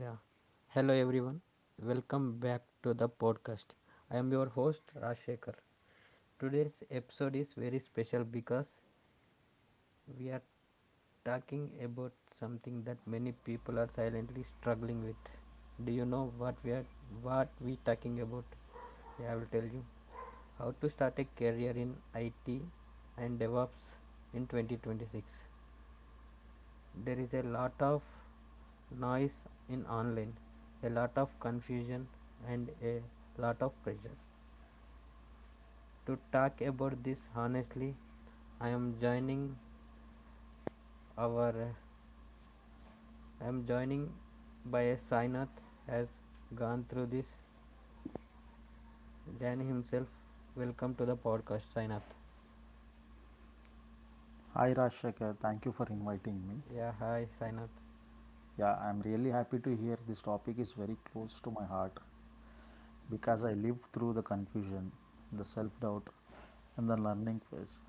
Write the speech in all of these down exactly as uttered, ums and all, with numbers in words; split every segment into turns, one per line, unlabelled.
Yeah. Hello everyone. Welcome back to the podcast. I am your host Rashekar. Today's episode is very special because we are talking about something that many people are silently struggling with. Do you know what we are what we talking about? Yeah, I will tell you. How to start a career in I T and DevOps in twenty twenty-six. There is a lot of noise in online, a lot of confusion, and a lot of pressure. To talk about this honestly, i am joining our I am joining by a sainath. Has gone through this Jan himself. Welcome to the podcast, sainath.
Hi Rajshekar, thank you for inviting me.
Yeah, hi sainath.
Yeah, I'm really happy to hear this topic is very close to my heart because I lived through the confusion, the self-doubt, and the learning phase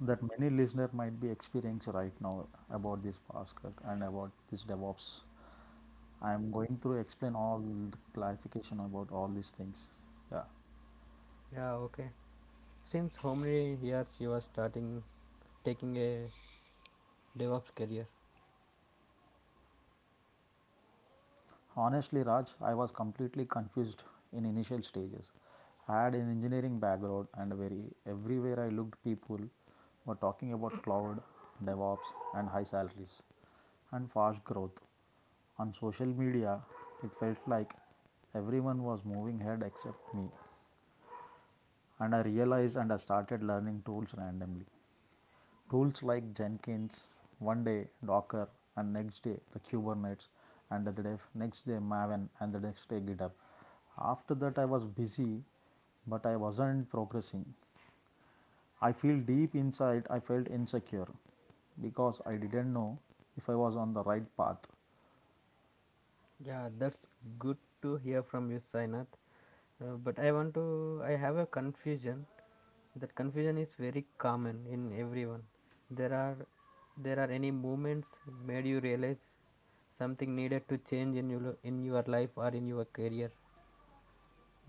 that many listener might be experiencing right now about this podcast and about this DevOps. I'm going to explain all the clarification about all these things. Yeah.
Yeah, okay, since how many years you are starting taking a devops career?
Honestly, Raj, I was completely confused in initial stages. I had an engineering background and very everywhere I looked people were talking about cloud, DevOps and high salaries and fast growth. On social media, it felt like everyone was moving ahead except me. And I realized and I started learning tools randomly. Tools like Jenkins, one day Docker, and next day the Kubernetes, and the day, next day Maven, and the next day GitHub. After that, I was busy, but I wasn't progressing. I feel deep inside, I felt insecure because I didn't know if I was on the right path.
Yeah, that's good to hear from you, Sainath. Uh, but I want to, I have a confusion. That confusion is very common in everyone. There are, there are any moments made you realize something needed to change in your in your life or in your career?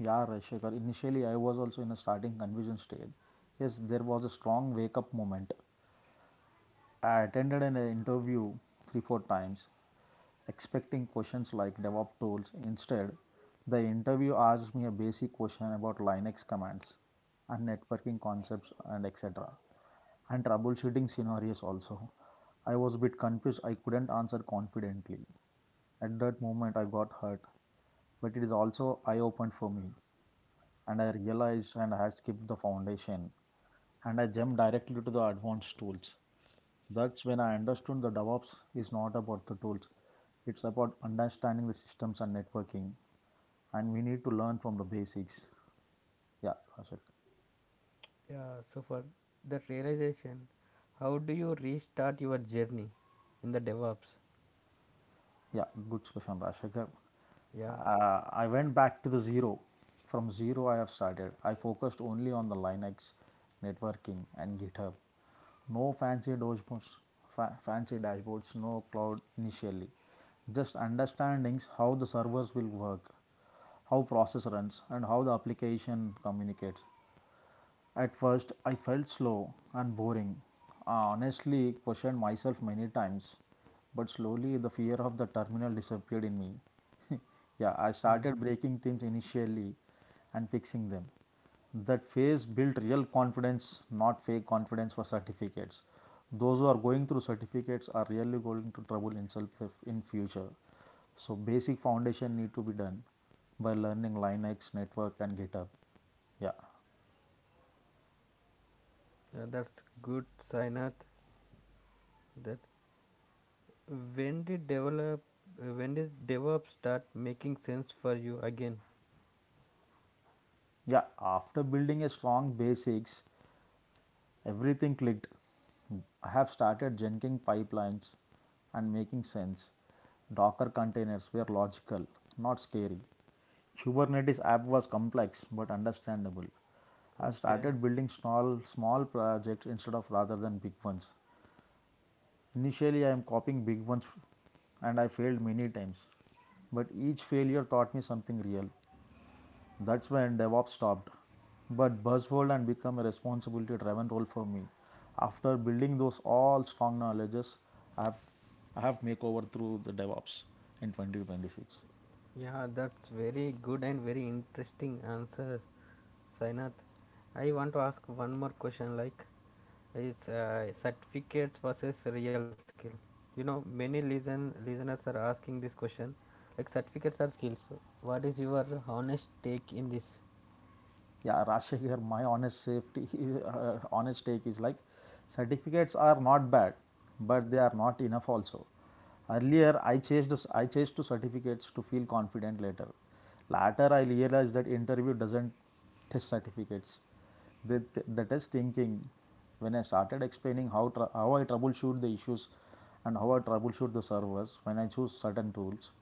Yeah, Rajshekhar, initially I was also in a starting confusion stage. Yes, there was a strong wake up moment. I attended an interview three, four times, expecting questions like DevOps tools. Instead, the interview asked me a basic question about Linux commands and networking concepts and et cetera and troubleshooting scenarios also. I was a bit confused, I couldn't answer confidently. At that moment, I got hurt, but it is also eye opened for me, and I realized and I had skipped the foundation and I jumped directly to the advanced tools. That's when I understood the DevOps is not about the tools. It's about understanding the systems and networking. And we need to learn from the basics. Yeah, Rashakar.
Yeah. So for that realization, how do you restart your journey in the DevOps?
Yeah, good question, Rashakar.
Yeah.
Uh, I went back to the zero. From zero, I have started. I focused only on the Linux, networking, and GitHub. No fancy dashboards, fa- fancy dashboards, no cloud initially. Just understandings how the servers will work, how process runs and how the application communicates. At first, I felt slow and boring. I honestly questioned myself many times, but slowly the fear of the terminal disappeared in me. Yeah, I
Mm.
started breaking things initially and fixing them. That phase built real confidence, not fake confidence for certificates. Those who are going through certificates are really going to trouble in self in future. So basic foundation need to be done by learning Linux, network and GitHub. Yeah.
Yeah, that's good, Sainath. That When did develop when did DevOps start making sense for you again?
Yeah, after building a strong basics, everything clicked. I have started Jenking pipelines and making sense. Docker containers were logical, not scary. Kubernetes app was complex but understandable. I
Okay.
started building small small projects instead of rather than big ones. Initially I am copying big ones and I failed many times. But each failure taught me something real. That's when DevOps stopped. But Buzzword and become a responsibility driven role for me. After building those all strong knowledges, I have I have make over through the DevOps in twenty twenty-six.
Yeah, that's very good and very interesting answer, Sainath. I want to ask one more question, like is, uh, certificates versus real skill. You know, many listen listeners are asking this question, like certificates are skills. What is your honest take in this?
Yeah, Rashe, my honest safety, uh, honest take is like certificates are not bad, but they are not enough also. Earlier, I chased, I chased to certificates to feel confident later. Later, I realized that interview doesn't test certificates. They, they test thinking. When I started explaining how, tr- how I troubleshoot the issues and how I troubleshoot the servers when I choose certain tools,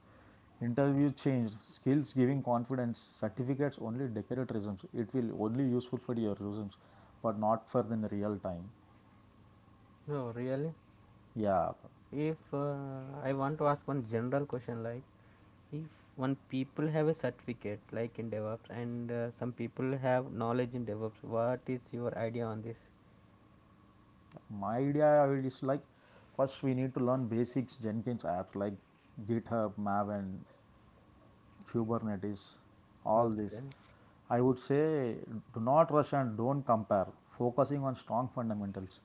interview changed. Skills giving confidence. Certificates only decoratisms. It will only useful for your resumes, but not for the real time.
No, really.
Yeah,
If, uh, I want to ask one general question, like if one people have a certificate like in DevOps and, uh, some people have knowledge in DevOps, what is your idea on this?
my idea is like first we need to learn basics Jenkins apps like GitHub, Maven, Kubernetes, all this.
Okay.
I would say do not rush and don't compare, focusing on strong fundamentals.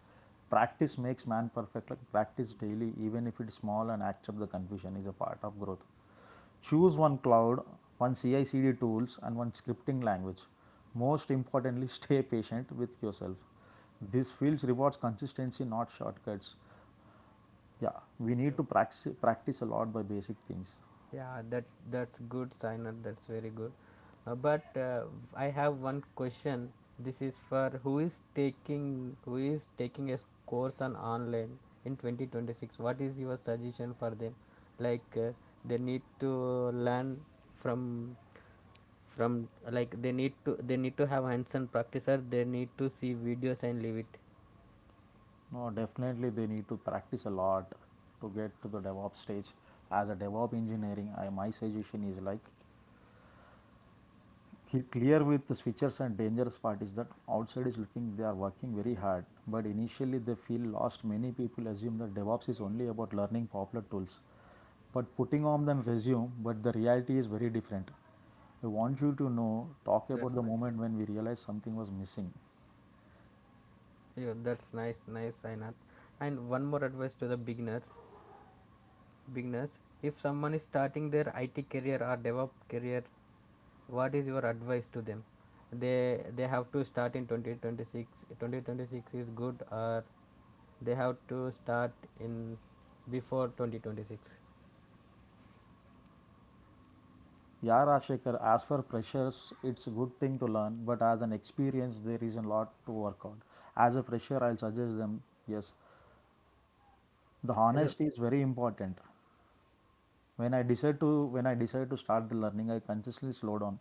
Practice makes man perfect, like practice daily, even if it's small, and accept the confusion is a part of growth. Choose one cloud, one C I C D tools, and one scripting language. Most importantly, stay patient with yourself. This field rewards consistency, not shortcuts. Yeah, we need to practice, practice a lot by basic things.
Yeah, that that's good, Sainath. That's very good. Uh, but uh, I have one question. This is for who is taking who is taking a s- course on online in twenty twenty-six. What is your suggestion for them? Like, uh, they need to learn from from, like, they need to they need to have hands-on practice, or they need to see videos and leave it.
No, definitely they need to practice a lot to get to the DevOps stage. As a DevOps engineering, I, my suggestion is like he clear with the switchers, and dangerous part is that outside is looking they are working very hard, but initially they feel lost. Many people assume that DevOps is only about learning popular tools, but putting on them resume, but the reality is very different. I want you to know, talk
That's
about the
nice.
moment when we realized something was missing.
Yeah, that's nice, nice, Sainath. And one more advice to the beginners. Beginners, if someone is starting their I T career or DevOps career, what is your advice to them? They they have to start in twenty twenty-six? twenty twenty-six is good, or they have to start in before twenty twenty-six?
Yeah, Rajshekhar, as for freshers, it's a good thing to learn, but as an experience, there is a lot to work on. As a fresher, I'll suggest them, yes, the
As
honesty is very important. When I decide to when I decide to start the learning, I consciously slow down.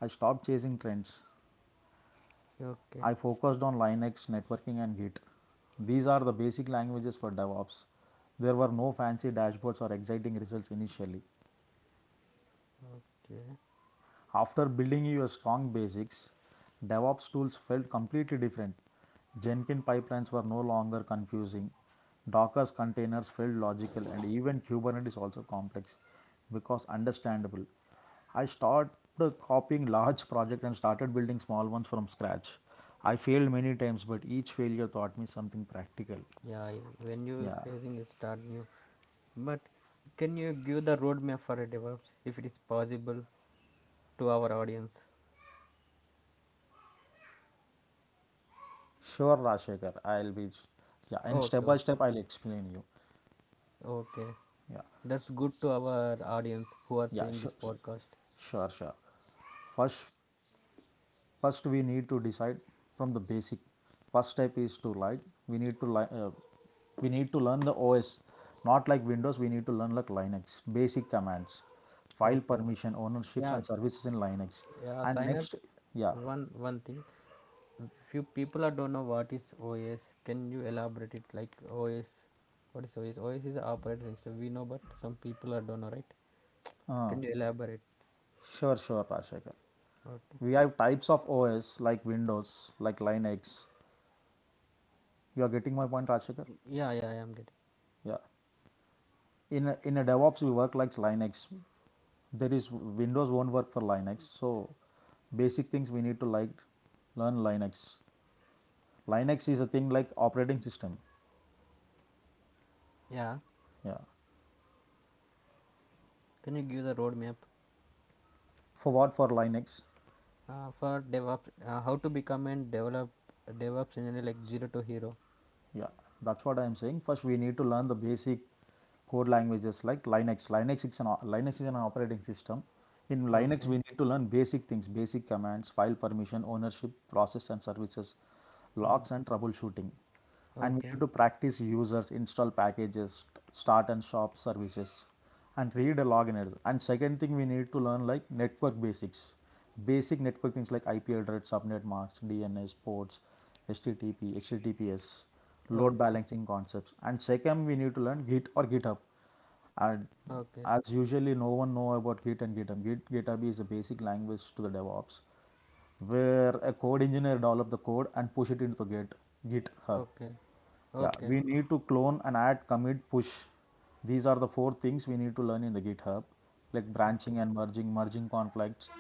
I stopped chasing trends.
okay,
I focused on Linux, networking, and Git. These are the basic languages for DevOps. There were no fancy dashboards or exciting results initially.
okay,
After building your strong basics, DevOps tools felt completely different. Jenkins pipelines were no longer confusing. Docker's containers felt logical, and even Kubernetes also complex because understandable. I started copying large projects and started building small ones from scratch. I failed many times, but each failure taught me something practical.
yeah, you- when you
Yeah,
facing it, start new. But can you give the roadmap for a DevOps, if it is possible, to our audience?
sure, Rashekar, I'll be. Yeah, and step
Okay,
by
okay.
step, I'll explain you.
Okay.
Yeah.
That's good to our audience who are seeing
Yeah,
this
sure,
podcast.
sure, sure. First, first we need to decide from the basic. First step is to like we need to like uh, we need to learn the O S, not like Windows. We need to learn like Linux basic commands, file
Okay.
permission, ownerships,
Yeah,
and services in Linux.
yeah,
And next,
Sainath,
yeah,
one one thing. Few people are don't know what is O S. Can you elaborate it like OS? What is O S? O S is operating system. We know, but some people are don't know, right?
uh,
Can you elaborate?
sure, sure, Rashekar.
Okay.
We have types of O S like Windows, like Linux. You are getting my point, Rashekar?
Yeah, yeah, I am getting.
Yeah. in a, in a DevOps we work like Linux. There is Windows won't work for Linux. So basic things we need to like learn Linux. Linux is a thing like operating system.
Yeah.
Yeah.
Can you give the roadmap,
For what, for Linux?
uh, for DevOps? Uh, how to become a develop DevOps engineer, like zero to hero?
Yeah, that's what I am saying. First, we need to learn the basic code languages like Linux. Linux is an o- Linux is an operating system. In Linux,
Okay.
we need to learn basic things, basic commands, file permission, ownership, process and services,
Mm.
logs and troubleshooting. And we
Okay,
need to practice users, install packages, start and stop services and read a login address. And second thing we need to learn like network basics, basic network things like I P address, subnet masks, D N S ports, H T T P, H T T P S, load
okay,
balancing concepts. And second we need to learn Git or GitHub. And
okay,
as usually no one know about Git and GitHub. Git, GitHub is a basic language to the DevOps where a code engineer develop the code and push it into the Git, GitHub.
okay,
Yeah,
okay, okay,
we need to clone and add, commit, push. These are the four things we need to learn in the GitHub, like
okay,
branching and merging, merging conflicts.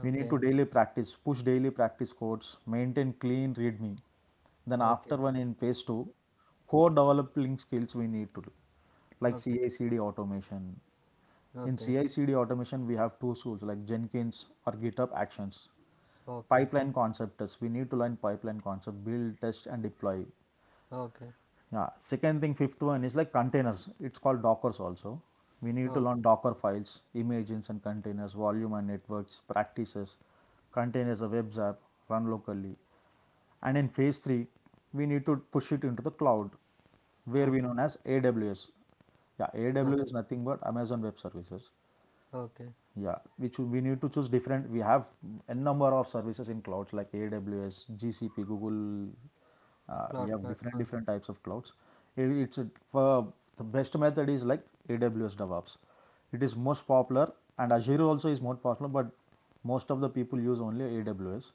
We need to daily practice, push daily practice codes, maintain clean README. Then
okay, okay,
after one in phase two, core developing skills we need to do, like
okay,
C I C D automation. In
okay,
C I C D automation, we have two tools like Jenkins or GitHub Actions.
okay,
Pipeline concept test. We need to learn pipeline concept, build, test, and deploy. Yeah. Second thing, fifth one is like containers. It's called Dockers also. We need to learn Docker files, images and containers, volume and networks, practices, containers a webs app, run locally. And in phase three, we need to push it into the cloud, where we
okay,
known as A W S. Yeah,
okay,
A W S is nothing but Amazon Web Services.
okay.
Yeah, which we need to choose different. We have a number of services in clouds like A W S, G C P, Google. Uh, we
Cloud
have different
platform.
different types of clouds. It, it's a- for the best method is like A W S DevOps. It is most popular, and Azure also is more popular, but most of the people use only A W S.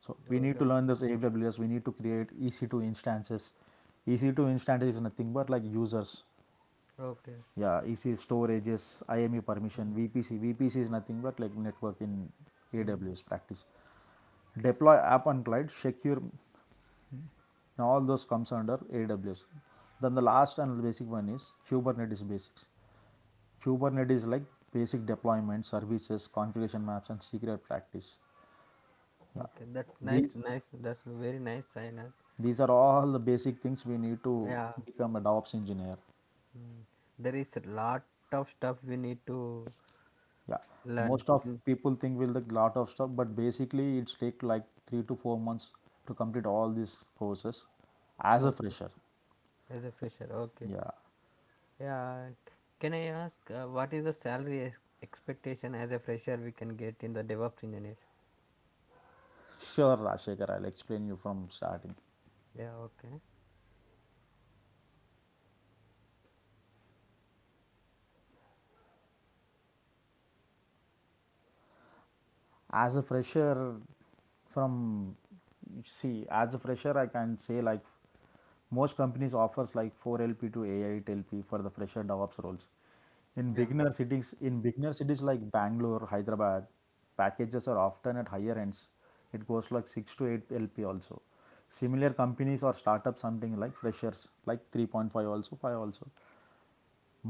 So we
Oh,
need to
that's
learn
nice.
this A W S. We need to create E C two instances. E C two instances is nothing but like users.
Okay.
Yeah, E C storages, I M E
Mm.
permission, V P C. V P C is nothing but like network in
Mm,
A W S. Practice, deploy app on cloud secure. Now all those comes under A W S. Then the last and basic one is Kubernetes basics. Kubernetes is like basic deployment services, configuration maps and secret practice. Yeah.
okay, that's nice,
these
nice. That's very nice, Sainath.
these are all the basic things we need to
Yeah.
become a DevOps engineer.
Mm. There is a lot of stuff we need to
Yeah,
learn.
most of
Mm.
people think will the lot of stuff, but basically it's take like three to four months to complete all these courses as a
Okay.
fresher.
As a Fisher. Okay.
Yeah,
Yeah, can I ask, uh, what is the salary ex- expectation as a fresher we can get in the DevOps engineer?
sure, Rashekar, I'll explain you from starting.
Yeah, okay.
As a fresher from See, as a fresher, I can say like most companies offers like four LP to eight LP for the fresher DevOps roles.
Yeah.
In beginner cities in beginner cities like Bangalore, Hyderabad, packages are often at higher ends. It goes like six to eight LP also. Similar companies or startups something like freshers like three point five also, five also.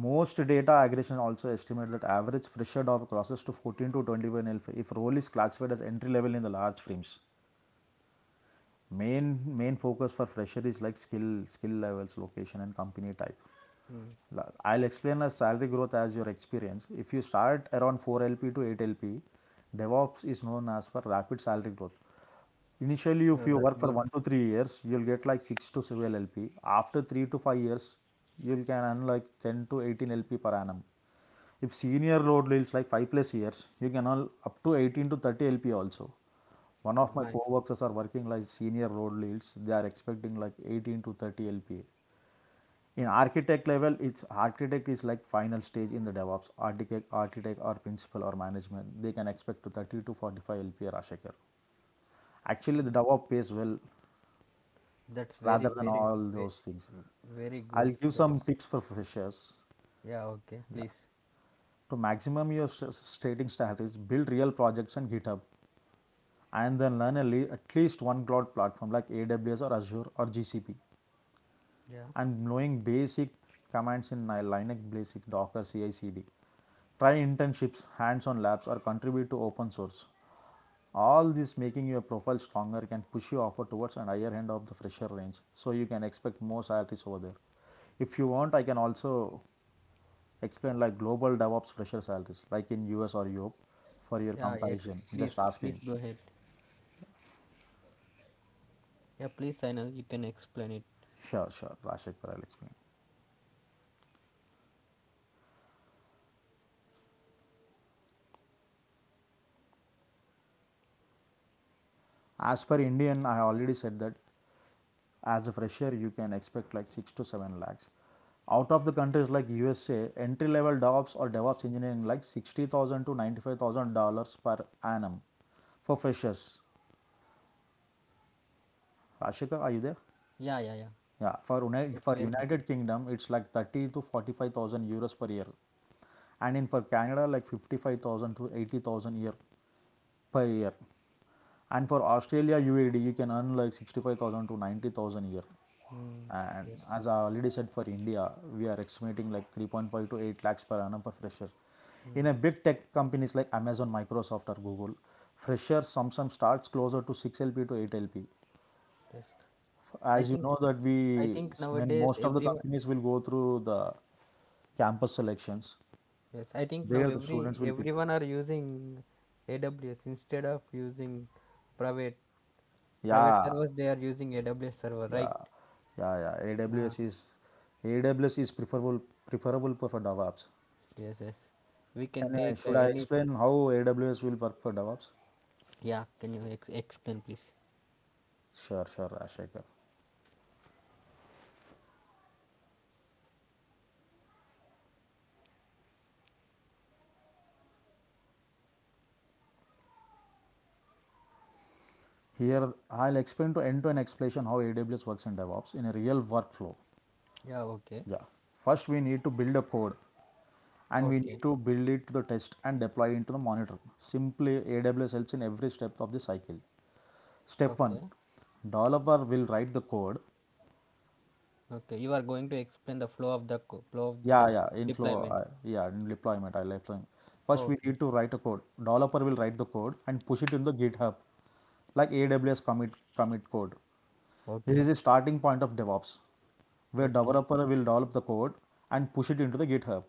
Most data aggregation also estimate that average fresher D O F crosses to fourteen to twenty-one if, if role is classified as entry level in the large firms. Main main focus for fresher is like skill skill levels, location, and company type.
Mm.
I'll explain as salary growth as your experience. If you start around four L P to eight L P, DevOps is known as for rapid salary growth. Initially, if
Yeah,
you
that's
work for
good.
one to three years, you'll get like six to seven L P. After three to five years, you can earn like ten to eighteen L P per annum. If senior load deals like five plus years, you can all up to eighteen to thirty L P A also. One of
Mm,
my
nice.
co-workers are working like senior road deals. They are expecting like eighteen to thirty L P A. In architect level, it's architect is like final stage in the DevOps. Architect, architect or principal or management, they can expect to thirty to forty-five L P A, Rashekar. Actually, the DevOps pays well
That's very,
rather than
very,
all
very,
those things.
very
I'll
good.
give
That
some
is.
tips for freshers.
Yeah, okay.
Yeah.
Please.
To maximum your s- s- stating strategies, build real projects on GitHub and then learn a at least one cloud platform like A W S or Azure or G C P
Yeah.
and knowing basic commands in Ni- Linux, basic Docker, C I/C D. Try internships, hands-on labs, or contribute to open source. All this making your profile stronger can push your offer towards an higher end of the fresher range, so you can expect more salaries over there. If you want, I can also explain like global DevOps fresher salaries like in US or Europe for your
Yeah, ex-
comparison, just
please,
asking.
please go ahead. Yeah, please, Saina, you can explain it.
Sure sure, Rashik, I'll explain. As per Indian, I already said that as a fresher you can expect like six to seven lakhs. Out of the countries like USA entry level jobs or DevOps engineering like sixty thousand to ninety-five thousand dollars per annum for freshers. Ashika, are you there?
Yeah, yeah, yeah.
Yeah, for united,
It's
for
very good.
united kingdom it's like thirty to forty-five thousand euros per year. And in for Canada like fifty-five thousand to eighty thousand year per year. And for Australia UAD you can earn like sixty-five thousand to ninety thousand a year.
Mm,
And
yes.
as I already said for India we are estimating like three point five to eight lakhs per annum for fresher in
Mm,
a big tech companies like Amazon, Microsoft or Google. Freshers sometimes starts closer to six LP to eight LP.
yes. I
As you
think
know that
I
we
think
when
nowadays
most of the
everyone.
companies will go through the campus selections,
Yes, I think now
there the students
every
will pick.
everyone are using A W S instead of using private private
Yeah.
servers. They are using A W S server,
Yeah,
right?
yeah, yeah. AWS
Ah,
is AWS is preferable preferable for DevOps.
yes, yes. We can
Can I,
take, uh,
should I
any. s-
explain how A W S will work for DevOps?
Yeah, can you ex explain, please?
Sure, sure, Ashekar. Here I'll explain to end-to-end explanation how A W S works in DevOps in a real workflow.
Yeah, okay,
Yeah. First, we need to build a code and we
okay,
need to build it to the test and deploy into the monitor. Simply, A W S helps in every step of the cycle. Step one,
okay,
developer will write the code.
okay. You are going to explain the flow of the co- flow of
Yeah,
the
yeah, inflow,
deployment.
uh, yeah, in deployment, I like deployment. First, we
Okay,
need to write a code. Developer will write the code and push it in the GitHub, like A W S commit commit code. This
okay,
is the starting point of DevOps, where
okay,
developer will develop the code and push it into the GitHub.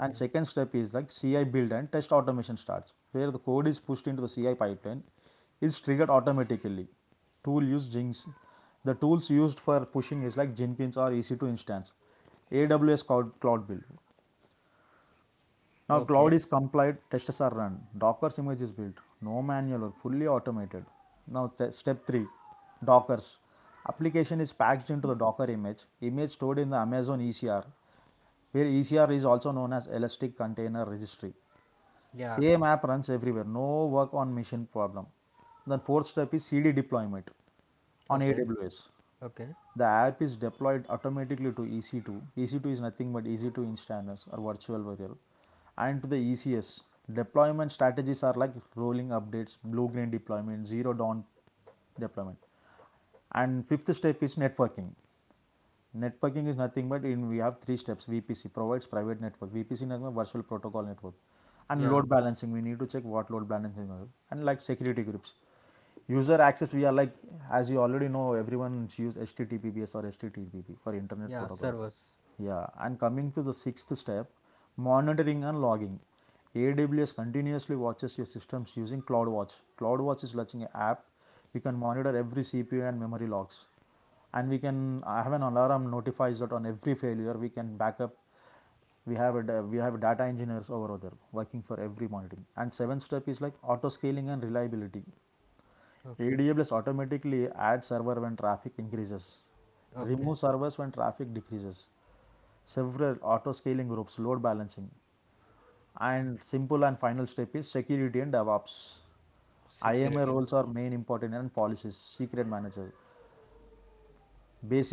And second step is like C I build and test automation starts, where the code is pushed into the C I pipeline, is triggered automatically. Tool use Jinx. The tools used for pushing is like Jenkins or E C two instance, A W S Cloud, Cloud Build. Now cloud
okay.
is complied, tests are run, Docker's image is built, no manual work, fully automated. Now step three, Docker's. Application is packaged into the Docker image, image stored in the Amazon E C R, where E C R is also known as Elastic Container Registry.
Yeah,
Same app runs everywhere, no work on machine problem. Then fourth step is C D deployment on
okay,
A W S.
okay.
The app is deployed automatically to E C two. E C two is nothing but E C two instances or virtual variable and to the E C S. Deployment strategies are like rolling updates, blue green deployment, zero down deployment. And fifth step is networking. Networking is nothing but in we have three steps. V P C provides private network. V P C is virtual protocol network. And
Yeah,
load balancing, we need to check what load balancing is. And like security groups. User access, we are like, as you already know, everyone use H T T P S or H T T P for internet
yeah.
protocol.
Servers.
Yeah, and coming to the sixth step, monitoring and logging. A W S continuously watches your systems using CloudWatch. CloudWatch is launching an app. We can monitor every C P U and memory logs and we can have an alarm notifies that on every failure we can back up. We have a we have data engineers over there working for every monitoring. And seventh step is like auto scaling and reliability.
Okay,
A W S automatically adds server when traffic increases,
okay.
remove servers when traffic decreases, several auto scaling groups load balancing. And simple and final step is security and DevOps. I M A
Security. And
roles are main important and policies secret manager.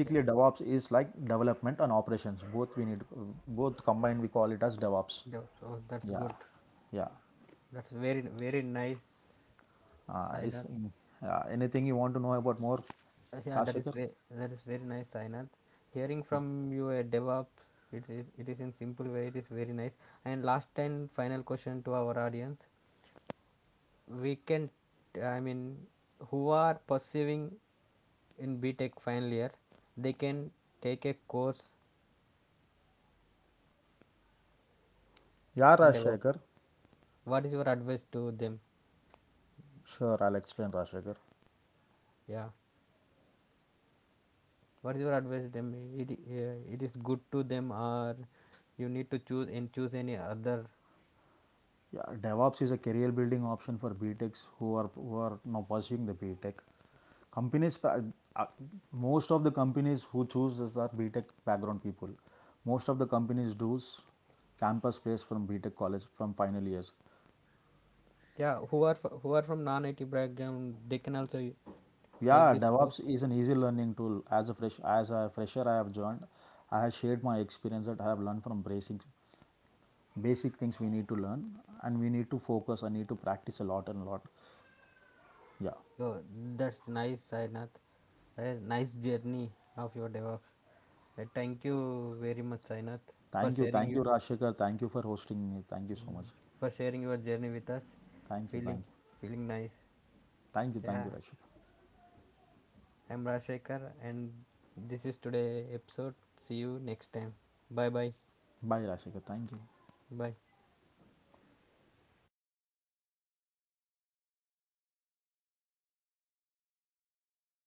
that-
DevOps is like development and operations. Both we need both combined. We call it as DevOps.
so that's
Yeah,
good.
yeah.
That's very, very nice,
Uh, is
Sainath.
yeah, anything you want to know about more,
Uh, Yeah, that is
Rajshekhar?
very that is very nice, Sainath. Hearing from you a DevOps, it is it is in simple way. It is very nice. And last and final question to our audience: we can, I mean, who are pursuing in B Tech final year, they can take a course
Yeah,
on DevOps.
Rajshekhar.
What is your advice to them?
Sure, I'll explain, Rajshekhar.
Yeah. What is your advice to them? It, uh, it is good to them, or you need to choose and choose any other?
Yeah, DevOps is a career building option for BTechs who are who are now pursuing the BTech. Companies, uh, uh, most of the companies who choose us are BTech background people. Most of the companies do campus place from BTech college from final years.
Yeah, who are fr- who are from non-I T background, they can also y- take
Yeah,
this
DevOps
course.
is an easy learning tool. As a fresh as a fresher, I have joined. I have shared my experience that I have learned from basic basic things we need to learn and we need to focus. I need to practice a lot and a lot. Yeah.
Oh, that's nice, Sainath. A nice journey of your DevOps. Uh, thank you very much, Sainath, for
Thank you,
sharing
thank
you
you, Rashikar. Thank you for hosting me. Thank you so
mm,
much.
for sharing your journey with us.
Thank you,
feeling
thank you.
Feeling nice.
Thank you, thank
Yeah,
you, Rashikar.
I'm Rajshekhar, and this is today episode. See you next time. Bye bye.
Bye, Rashikar. Thank you.
Bye.